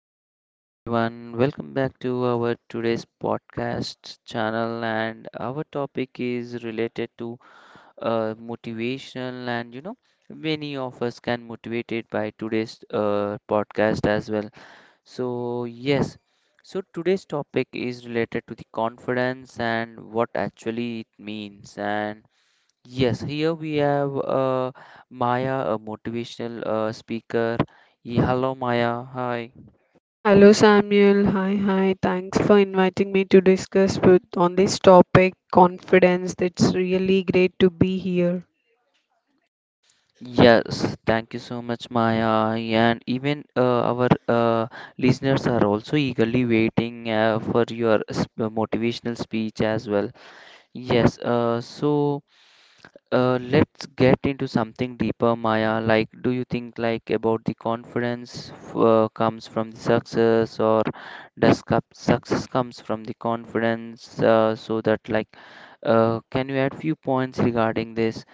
Hello everyone, welcome back to our today's podcast channel and our topic is related to motivational and many of us can motivated by today's podcast as well. So yes, so today's topic is related to the confidence and what actually it means and yes, here we have Maya, a motivational speaker. Yeah, hello Maya, hi. Hello Samuel. Hi, hi. Thanks for inviting me to discuss with on this topic, confidence. It's really great to be here. Yes, thank you so much, Maya. And even our listeners are also eagerly waiting for your motivational speech as well. Yes, uh, so let's get into something deeper, Maya. Like, do you think like about the confidence comes from the success, or does cup success comes from the confidence? So that like, can you add few points regarding this?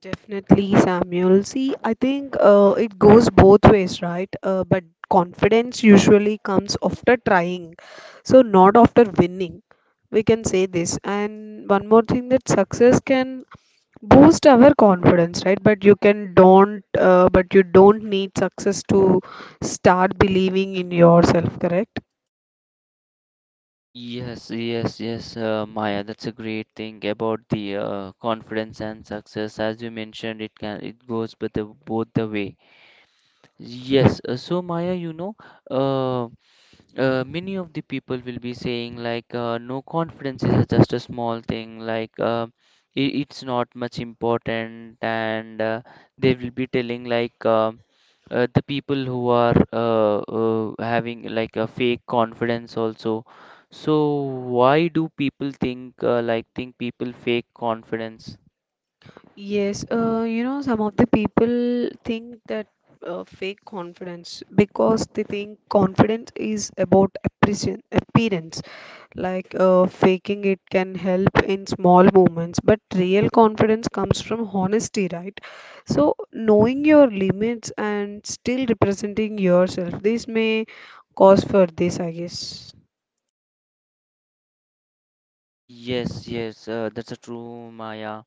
Definitely, Samuel. See, I think it goes both ways, right? But confidence usually comes after trying, so not after winning. We can say this. And one more thing that success can boost our confidence, right, but you don't need success to start believing in yourself, correct. Yes, Maya, that's a great thing about the confidence and success. As you mentioned, it goes but the, both the way. Yes. So Maya, you know, uh, many of the people will be saying like no confidence is just a small thing like it's not much important and they will be telling like the people who are having like a fake confidence also, so why do people think people fake confidence? Yes, you know, some of the people think that fake confidence, because they think confidence is about appreciation, appearance, like, faking it can help in small moments, but real confidence comes from honesty, right? So knowing your limits and still representing yourself, this may cause for this, I guess. Yes, that's a true Maya.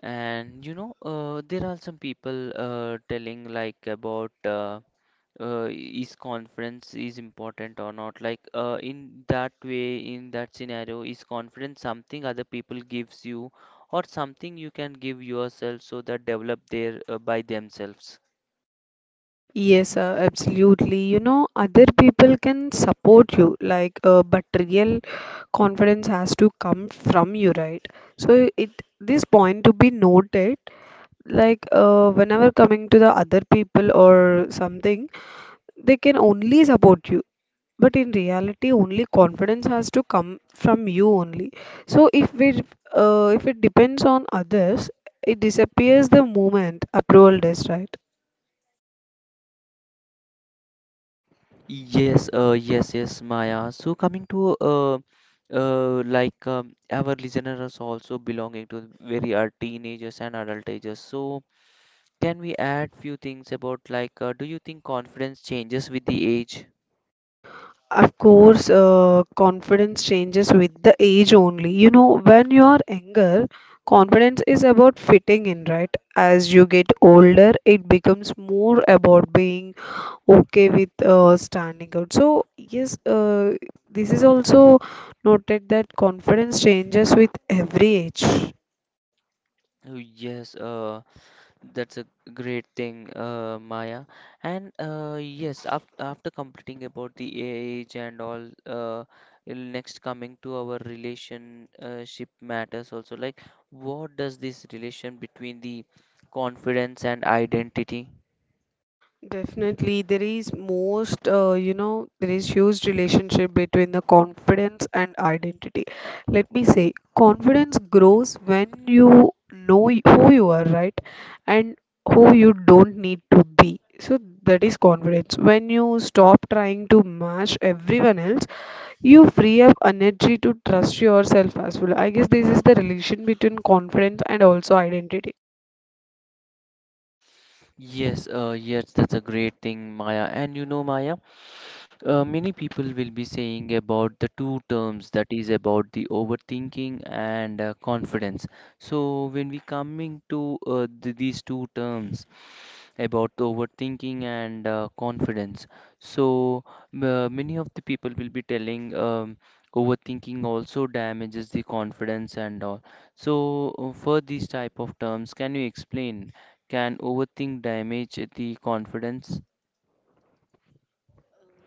And you know, there are some people telling like about is conference is important or not, like in that way, in that scenario, is conference something other people gives you or something you can give yourself, so that develop there by themselves? Yes, absolutely. You know, other people can support you, like, but real confidence has to come from you, right? So it this point to be noted, like, whenever coming to the other people or something, they can only support you, but in reality only confidence has to come from you only. So if it depends on others, it disappears the moment approval does, right? Yes, Maya, so coming to our listeners also belonging to very are teenagers and adult ages, so can we add few things about, like, do you think confidence changes with the age? Of course, confidence changes with the age only. You know, when you are younger, confidence is about fitting in, right? As you get older, it becomes more about being okay with standing out. So, yes, this is also noted that confidence changes with every age. Oh, yes uh, That's a great thing, Maya. And yes, af after completing about the AI age and all, it'll next coming to our relationship matters also. Like, what does this relation between the confidence and identity? Definitely, you know, there is huge relationship between the confidence and identity. Let me say, confidence grows when you know who you are, right? And who you don't need to be. So that is confidence. When you stop trying to match everyone else, you free up energy to trust yourself as well. I guess this is the relation between confidence and also identity. Yes, that's a great thing, Maya. And you know, Maya. Many people will be saying about the two terms, that is about the overthinking and confidence. So when we coming to these two terms about the overthinking and confidence, so many of the people will be telling overthinking also damages the confidence and all. So for these type of terms, can you explain? Can overthink damage the confidence?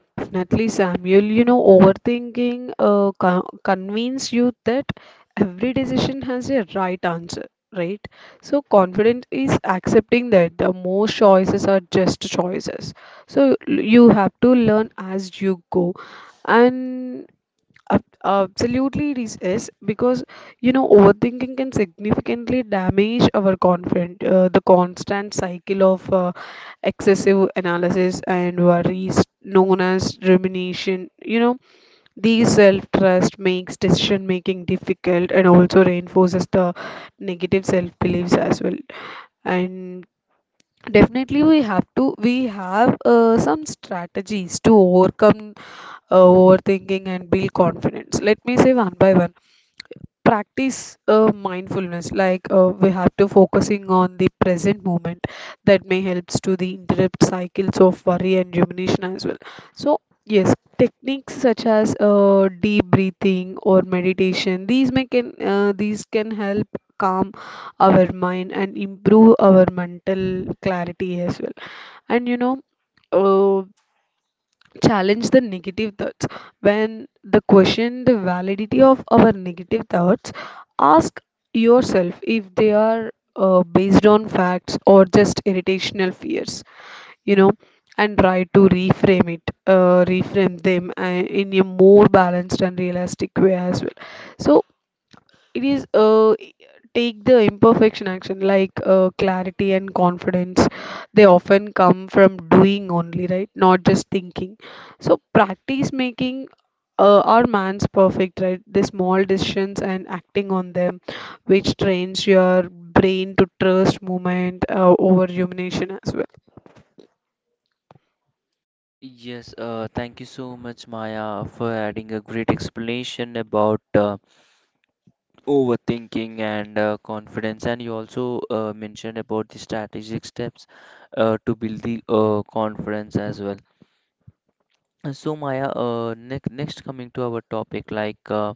Definitely, Samuel. You know, overthinking convince you that every decision has a right answer, right? So, confidence is accepting that the most choices are just choices. So, you have to learn as you go, and absolutely, it is because, you know, overthinking can significantly damage our confidence. The constant cycle of excessive analysis and worries, known as rumination, you know, these self-trust makes decision making difficult and also reinforces the negative self-beliefs as well. And definitely, we have some strategies to overcome overthinking and build confidence. Let me say one by one. Practice mindfulness, like, we have to focusing on the present moment. That may helps to the interrupt cycles of worry and rumination as well. So yes, techniques such as deep breathing or meditation. These may can these can help calm our mind and improve our mental clarity as well. And you know. Uh, challenge the negative thoughts. When the question the validity of our negative thoughts, ask yourself if they are based on facts or just irritational fears, you know, and try to reframe them in a more balanced and realistic way as well. So it is take the imperfection action, like, clarity and confidence, they often come from doing only, right, not just thinking. So practice making, our man's perfect, right, the small decisions and acting on them, which trains your brain to trust movement over rumination as well. Yes, thank you so much, Maya, for adding a great explanation about overthinking and confidence. And you also mentioned about the strategic steps to build the confidence as well. And so, Maya, next coming to our topic, like,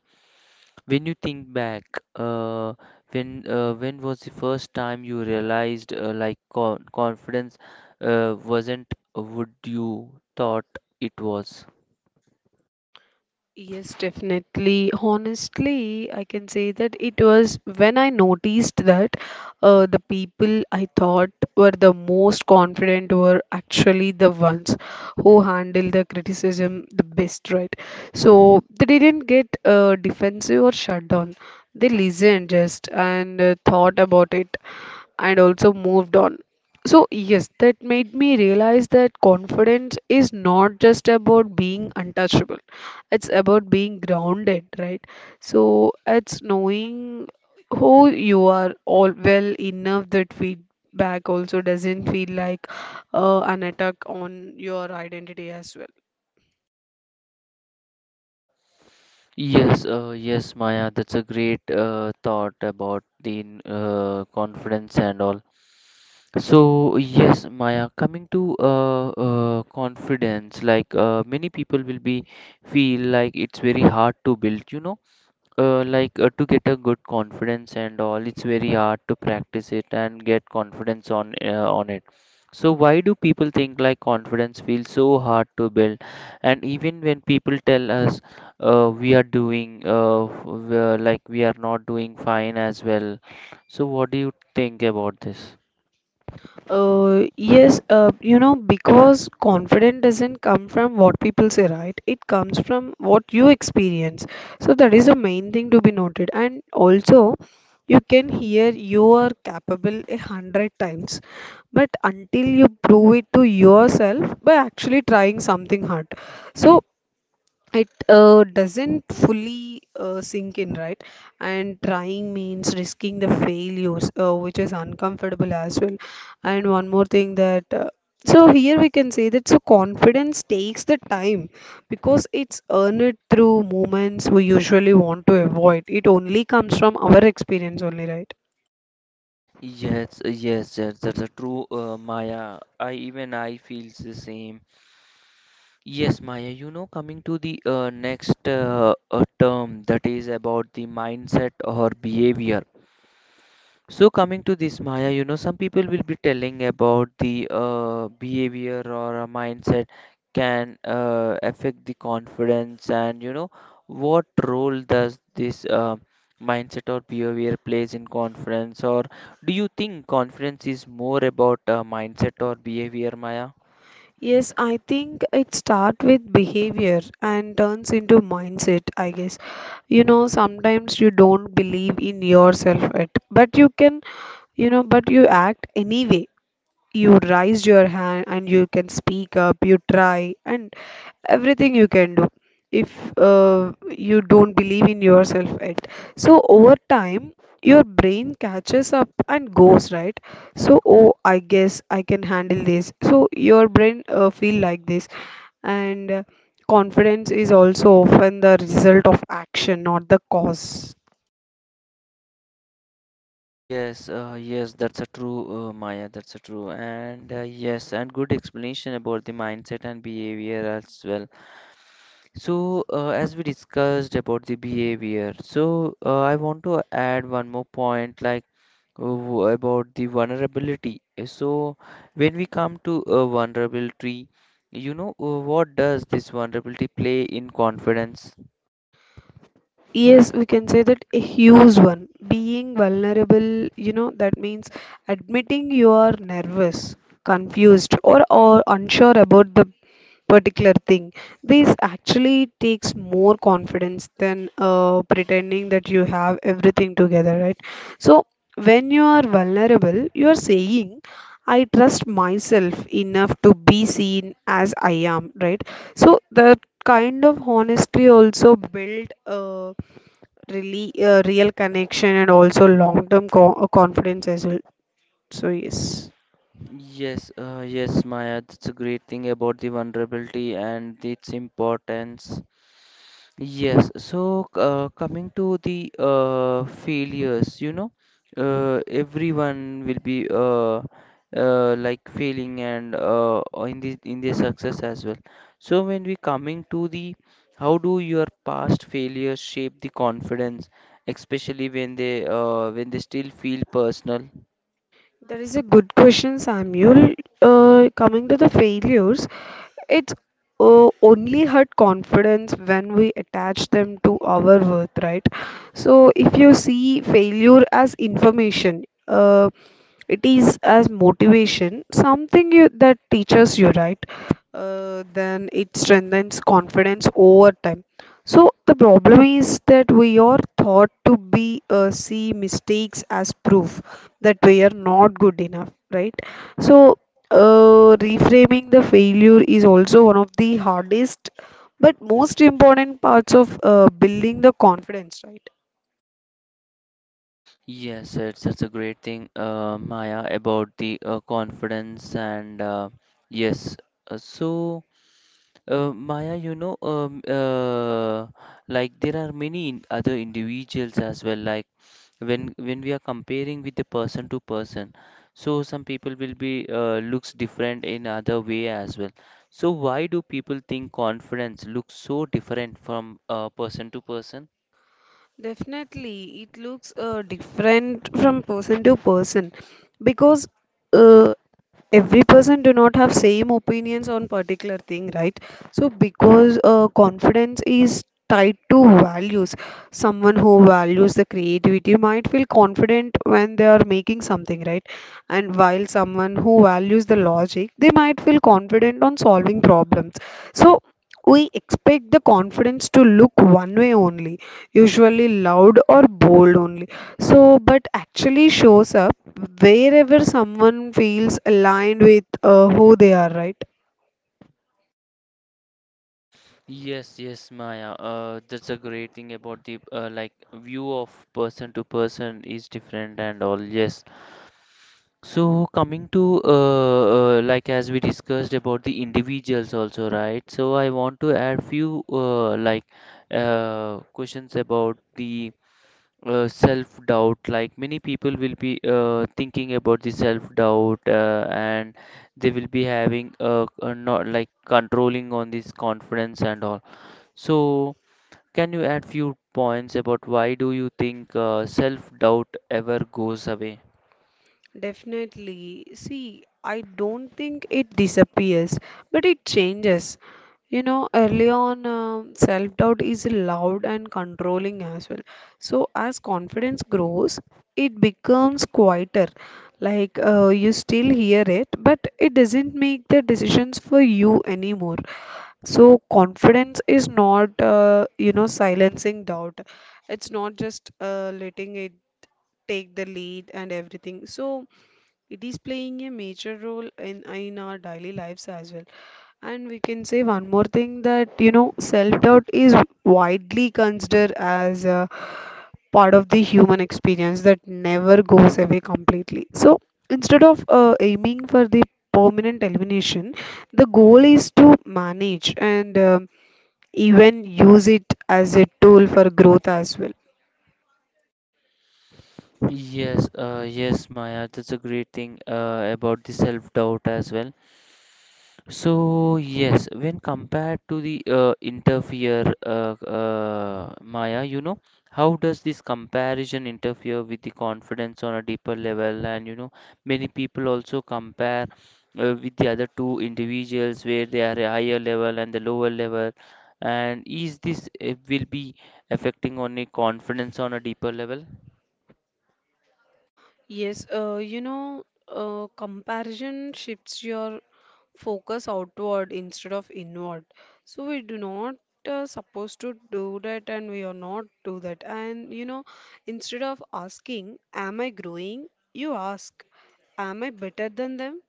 when you think back, uh, when was the first time you realized confidence wasn't what you thought it was? Yes, definitely. Honestly, I can say that it was when I noticed that the people I thought were the most confident were actually the ones who handle the criticism the best, right? So they didn't get defensive or shut down. They listened just and thought about it and also moved on. So, yes, that made me realize that confidence is not just about being untouchable, it's about being grounded, right? So, it's knowing who you are all well enough that feedback also doesn't feel like an attack on your identity as well. Yes, Maya, that's a great thought about the confidence and all. So, yes, Maya, coming to confidence, like, many people will be feel like it's very hard to build, you know, to get a good confidence and all, it's very hard to practice it and get confidence on it, so why do people think like confidence feels so hard to build, and even when people tell us we are doing like we are not doing fine as well, so what do you think about this? Yes, you know, because confidence doesn't come from what people say, right? It comes from what you experience. So that is the main thing to be noted. And also, you can hear you are capable a hundred times, but until you prove it to yourself by actually trying something hard. So it doesn't fully sink in, right? And trying means risking the failures, which is uncomfortable as well. And one more thing that, so here we can say that, so confidence takes the time because it's earned through moments we usually want to avoid. It only comes from our experience only, right? Yes, That's a true, Maya. I, even I feels the same. Yes, Maya, you know, coming to the next term, that is about the mindset or behavior. So, coming to this, Maya, you know, some people will be telling about the behavior or a mindset, can affect the confidence, and you know, what role does this mindset or behavior plays in confidence, or do you think confidence is more about mindset or behavior, Maya? Yes, I think it starts with behavior and turns into mindset, I guess. You know, sometimes you don't believe in yourself at, but you can, you know, but you act anyway, you raised your hand and you can speak up, you try and everything you can do, if you don't believe in yourself yet. So over time your brain catches up and goes, right, so, oh, I guess I can handle this, so your brain feel like this. And confidence is also often the result of action, not the cause. Yes, that's a true, Maya. That's a true, and yes, and good explanation about the mindset and behavior as well. So, as we discussed about the behavior, so I want to add one more point, like, about the vulnerability. So, when we come to a vulnerability, you know, what does this vulnerability play in confidence? Yes, we can say that a huge one. Being vulnerable, you know, that means admitting you are nervous, confused, or unsure about the particular thing. This actually takes more confidence than pretending that you have everything together, right? So, when you are vulnerable, you are saying, I trust myself enough to be seen as I am, right? So, the kind of honesty also build, real connection and also long term confidence as well. So yes, Yes, Maya, that's a great thing about the vulnerability and its importance. Yes, so coming to the failures, you know, everyone will be like failing and or in the in their success as well. So when we coming to the how do your past failures shape the confidence, especially when they still feel personal? that is a good question, Samuel. Uh, coming to the failures, it's only hurt confidence when we attach them to our worth, right? So if you see failure as information, it is as motivation, something you, that teaches you, right? Then it strengthens confidence over time. So the problem is that we are thought to be see mistakes as proof that we are not good enough, right? So, reframing the failure is also one of the hardest but most important parts of building the confidence, right? Yes, it's such a great thing, Maya, about the confidence and yes. Uh, so, Maya, you know, like there are many in other individuals as well. Like, when we are comparing with the person to person, so some people will be looks different in other way as well. So, why do people think confidence looks so different from person to person? Definitely, it looks different from person to person, because uh, every person do not have same opinions on particular thing, right? So because confidence is tied to values, someone who values the creativity might feel confident when they are making something, right? And while someone who values the logic, they might feel confident on solving problems. So we expect the confidence to look one way only, usually loud or bold only. So but actually shows up wherever someone feels aligned with who they are, right? Yes, yes, Maya. That's a great thing about the, like, view of person to person is different and all. Yes. So coming to like, as we discussed about the individuals also, right? So I want to add few, questions about the self-doubt. Like, many people will be thinking about the self-doubt, and they will be having not like controlling on this confidence and all. So, can you add few points about why do you think self-doubt ever goes away? Definitely. See, I don't think it disappears, but it changes. You know, early on, self-doubt is loud and controlling as well. So, as confidence grows, it becomes quieter. Like, you still hear it, but it doesn't make the decisions for you anymore. So confidence is not, you know, silencing doubt. It's not just letting it take the lead and everything. So it is playing a major role in our daily lives as well. And we can say one more thing that, you know, self-doubt is widely considered as a part of the human experience that never goes away completely. So instead of aiming for the permanent elimination, the goal is to manage and, um, even use it as a tool for growth as well. Yes, Maya, that's a great thing about the self-doubt as well. So yes, when compared to the Maya, you know, how does this comparison interfere with the confidence on a deeper level? And you know, many people also compare with the other two individuals where they are a higher level and the lower level. And is this will be affecting on a confidence on a deeper level? Yes, you know, comparison shifts your focus outward instead of inward. So we do not supposed to do that, and we are not do that. And you know, instead of asking, "Am I growing?" you ask, "Am I better than them?"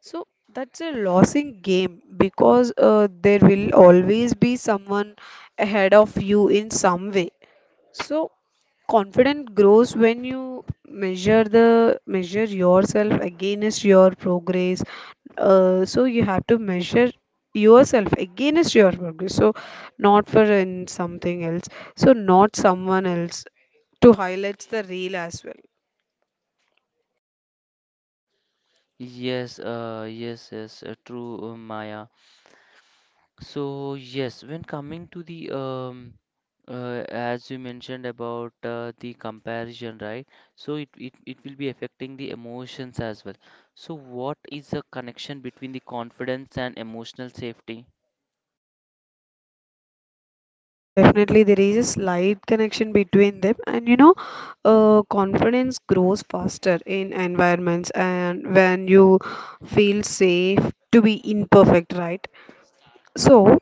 So that's a losing game, because there will always be someone ahead of you in some way. So confidence grows when you measure yourself against your progress. So you have to measure yourself against your progress. So not for in something else. So not someone else to highlight the real as well. Yes, true, Maya. So yes, when coming to the as you mentioned about the comparison, right? So it will be affecting the emotions as well. So what is the connection between the confidence and emotional safety? Definitely there is a slight connection between them, and you know, confidence grows faster in environments, and when you feel safe to be imperfect, right? So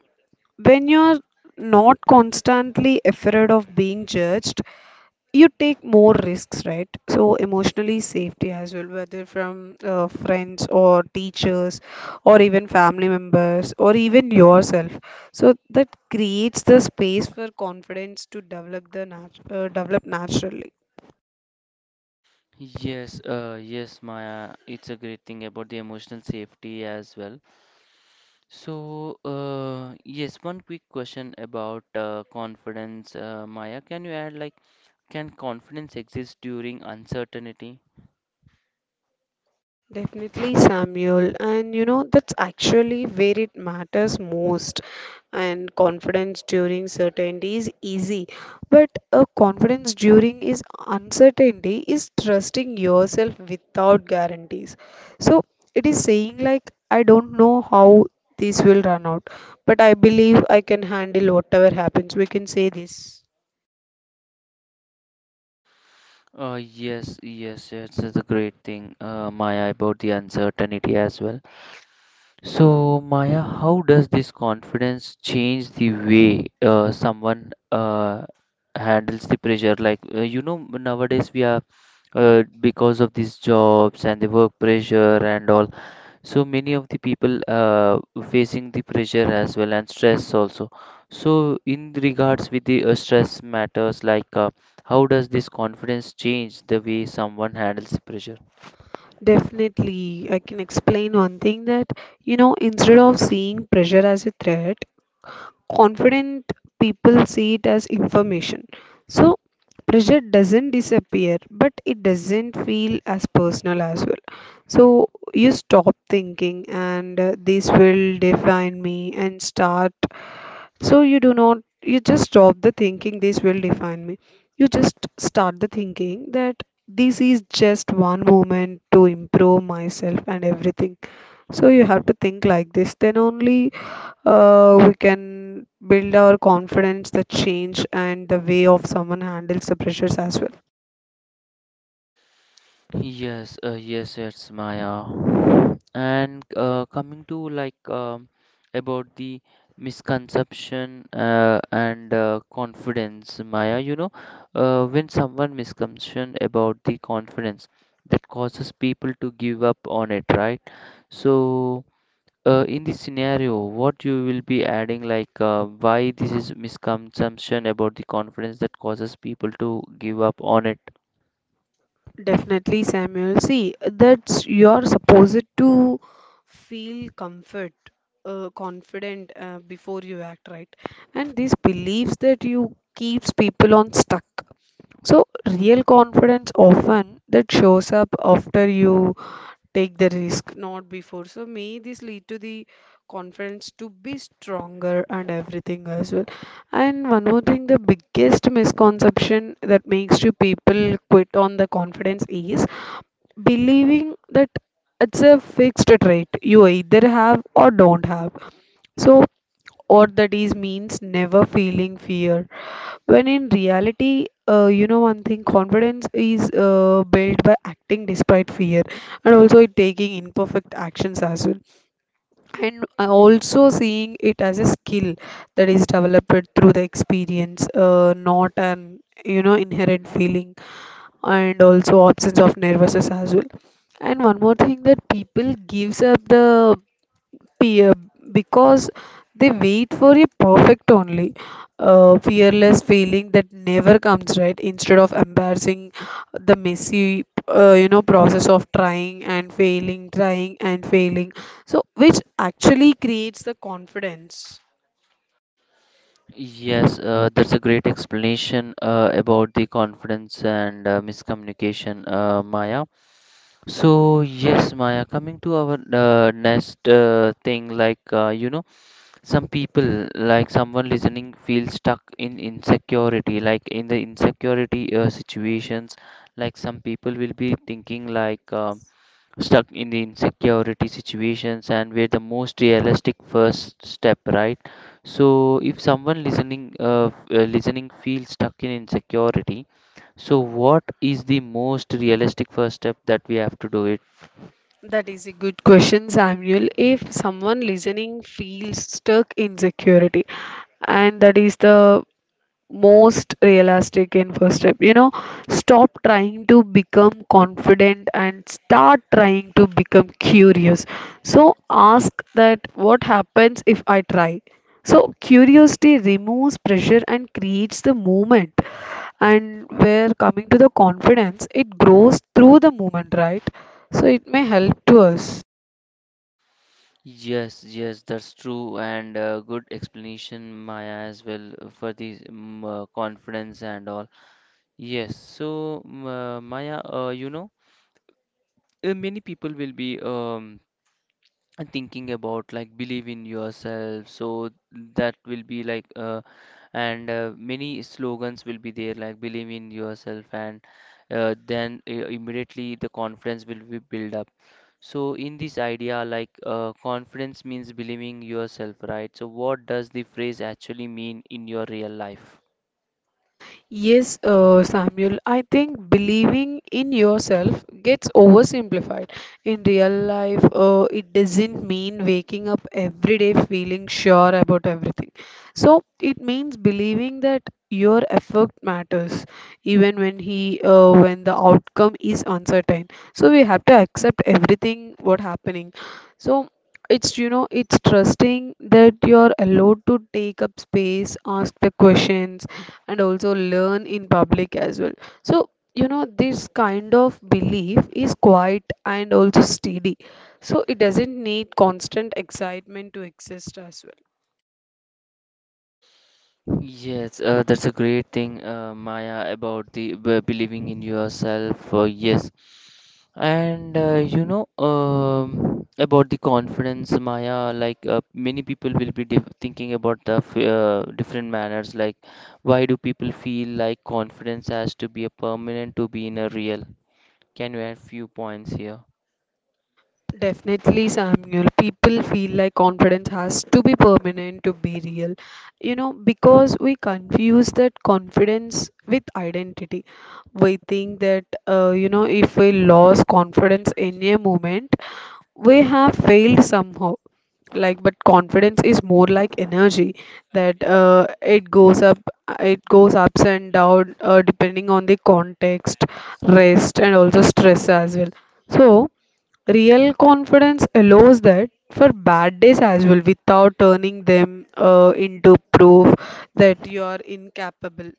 when you're not constantly afraid of being judged, you take more risks, right? So emotionally safety as well, whether from friends or teachers or even family members or even yourself. So that creates the space for confidence to develop naturally. Yes, Maya, it's a great thing about the emotional safety as well. So, yes, one quick question about confidence, Maya. Can you add, like, can confidence exist during uncertainty? Definitely, Samuel. And you know, that's actually where it matters most. And confidence during certainty is easy, but a confidence during is uncertainty is trusting yourself without guarantees. So it is saying, like, I don't know how this will run out, but I believe I can handle whatever happens. We can say this. Yes, it's a great thing, Maya, about the uncertainty as well. So, Maya, how does this confidence change the way someone handles the pressure? Like, you know, nowadays we are because of these jobs and the work pressure and all, so many of the people facing the pressure as well, and stress also, so in regards with the stress matters, like, how does this confidence change the way someone handles pressure? Definitely, I can explain one thing that, you know, instead of seeing pressure as a threat, confident people see it as information. So pressure doesn't disappear, but it doesn't feel as personal as well. So you stop thinking, and this will define me, and start. So you do not, you just stop the thinking, this will define me. You just start the thinking that this is just one moment to improve myself and everything. So you have to think like this, then only we can build our confidence, the change, and the way of someone handles the pressures as well. Yes, it's Maya. And coming to, like, about the misconception and confidence, Maya, you know, when someone misconception about the confidence, that causes people to give up on it, right? So, in this scenario, what you will be adding, like, why this is misconception about the confidence that causes people to give up on it? Definitely, Samuel. See, that's you're supposed to feel comfort, confident before you act, right? And these beliefs that you keeps people on stuck. So real confidence often that shows up after you take the risk, not before, so may this lead to the confidence to be stronger and everything as well. And one more thing, the biggest misconception that makes you people quit on the confidence is believing that it's a fixed trait you either have or don't have. So or that is means never feeling fear, when in reality, you know one thing, confidence is built by acting despite fear, and also it taking imperfect actions as well. And also seeing it as a skill that is developed through the experience, not an inherent feeling and also absence of nervousness as well. And one more thing, that people gives up the peer because they wait for a perfect only fearless feeling that never comes, right, instead of embarrassing the messy process of trying and failing, trying and failing, so which actually creates the confidence. Yes, that's a great explanation about the confidence and miscommunication, Maya. So, yes, Maya, coming to our next thing, like, you know, some people, like someone listening, feel stuck in insecurity, like in the insecurity situations, like some people will be thinking, like, stuck in the insecurity situations and where the most realistic first step, right? So if someone listening listening feels stuck in insecurity, so what is the most realistic first step that we have to do it? That is a good question, Samuel. If someone listening feels stuck in security, and that is the most realistic in first step, you know, stop trying to become confident and start trying to become curious. So ask that, what happens if I try? So curiosity removes pressure and creates the movement. And where coming to the confidence, it grows through the movement, right? So it may help to us. Yes, yes, that's true, and good explanation, Maya, as well for the confidence and all. Yes, so Maya, you know, many people will be and thinking about like believe in yourself, so that will be like and many slogans will be there like believe in yourself, and then immediately the confidence will be build up, so in this idea, like, confidence means believing yourself, right? So what does the phrase actually mean in your real life? Yes, Samuel, I think believing in yourself gets oversimplified. In real life, it doesn't mean waking up every day feeling sure about everything. So it means believing that your effort matters, even when he, when the outcome is uncertain. So we have to accept everything what happening. So it's it's trusting that you're allowed to take up space, ask the questions, and also learn in public as well. So, you know, this kind of belief is quiet and also steady. So, it doesn't need constant excitement to exist as well. Yes, that's a great thing, Maya, about the believing in yourself. Yes. And you know, about the confidence, Maya. Like, many people will be diff thinking about the f different manners. Like, why do people feel like confidence has to be a permanent to be in a real? Can you add few points here? Definitely, Samuel. People feel like confidence has to be permanent to be real. You know, because we confuse that confidence with identity. We think that, you know, if we lose confidence in a moment, we have failed somehow, like, but confidence is more like energy that it goes up, it goes ups and down, depending on the context, rest, and also stress as well. So real confidence allows that for bad days as well without turning them into proof that you are incapable.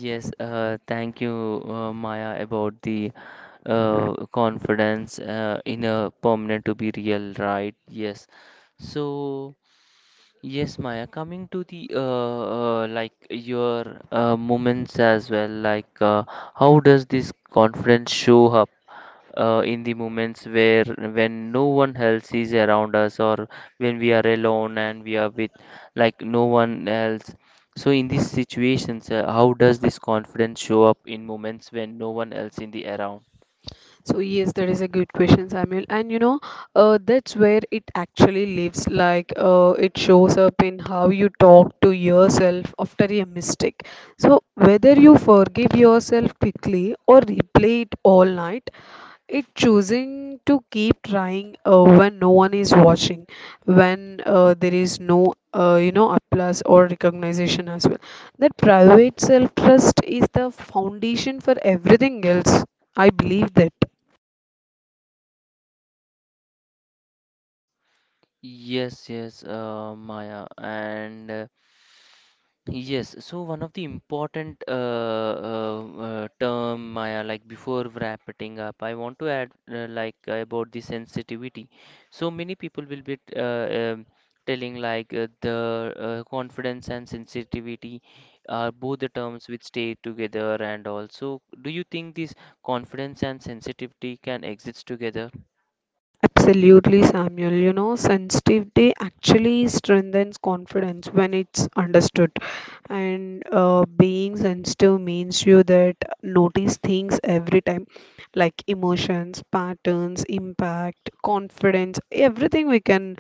Yes. Thank you, Maya, about the confidence in a permanent to be real, right? Yes. So. Yes, Maya, coming to the like your moments as well, like, how does this confidence show up in the moments where when no one else is around us, or when we are alone and we are with like no one else. So in these situations, how does this confidence show up in moments when no one else in the around? So yes, that is a good question, Samuel. And you know, that's where it actually lives. Like it shows up in how you talk to yourself after a mistake. So whether you forgive yourself quickly or replay it all night, it's choosing to keep trying when no one is watching, when there is no applause or recognition as well. That private self trust is the foundation for everything else. I believe that. Yes, yes, Maya, and yes. So one of the important term, Maya, like, before wrapping up, I want to add about the sensitivity. So many people will be telling like the confidence and sensitivity are both the terms which stay together, and also, do you think this confidence and sensitivity can exist together? Absolutely, Samuel. You know, sensitivity actually strengthens confidence when it's understood. And being sensitive means you that notice things every time, like emotions, patterns, impact, confidence, everything we can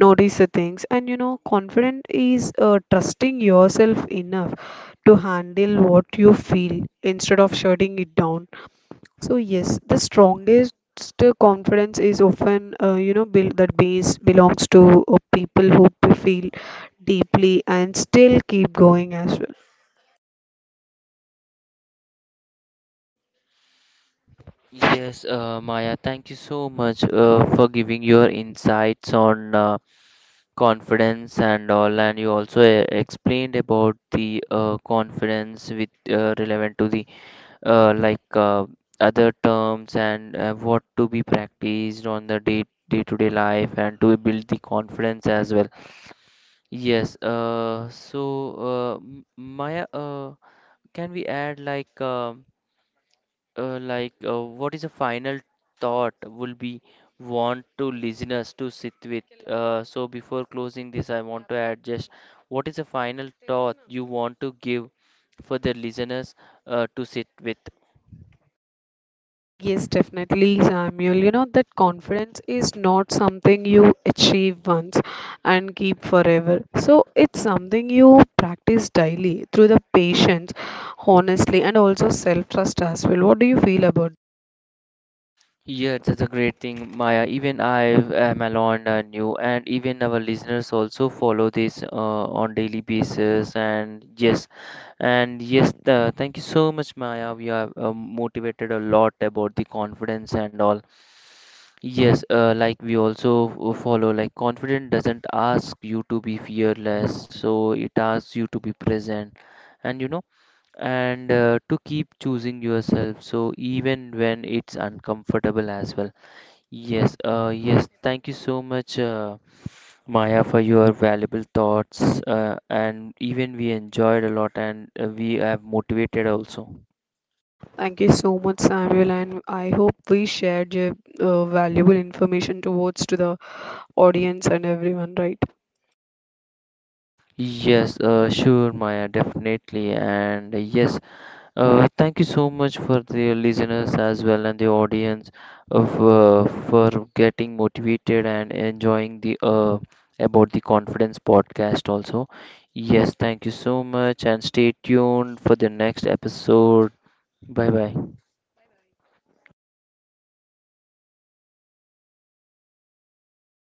notice the things. And you know, confident is trusting yourself enough to handle what you feel instead of shutting it down. So yes, the strongest confidence is often, you know, built that base belongs to people who feel deeply and still keep going as well. Yes, Maya, thank you so much for giving your insights on confidence and all, and you also explained about the confidence with relevant to the uh, like uh, other terms and what to be practiced on the day-to-day life and to build the confidence as well. Yes, Maya, can we add like what is a final thought will be want to listeners to sit with, so before closing this, I want to add just what is a final thought you want to give for the listeners to sit with? Yes, definitely, Samuel. You know that confidence is not something you achieve once and keep forever. So it's something you practice daily through the patience, honestly, and also self-trust as well. What do you feel about? Yeah, that's a great thing, Maya, even I am alone and you, and even our listeners also follow this on daily basis, and yes. And yes, thank you so much, Maya. We are motivated a lot about the confidence and all. Yes, like we also follow, like confidence doesn't ask you to be fearless, so it asks you to be present, and you know, and to keep choosing yourself, so even when it's uncomfortable as well. Yes, thank you so much, Maya, for your valuable thoughts, and even we enjoyed a lot, and we have motivated also. Thank you so much, Samuel, and I hope we shared your valuable information towards to the audience and everyone, right? Yes, sure, Maya, definitely. And yes, thank you so much for the listeners as well and the audience of for getting motivated and enjoying the about the confidence podcast also. Yes, thank you so much, and stay tuned for the next episode. Bye bye.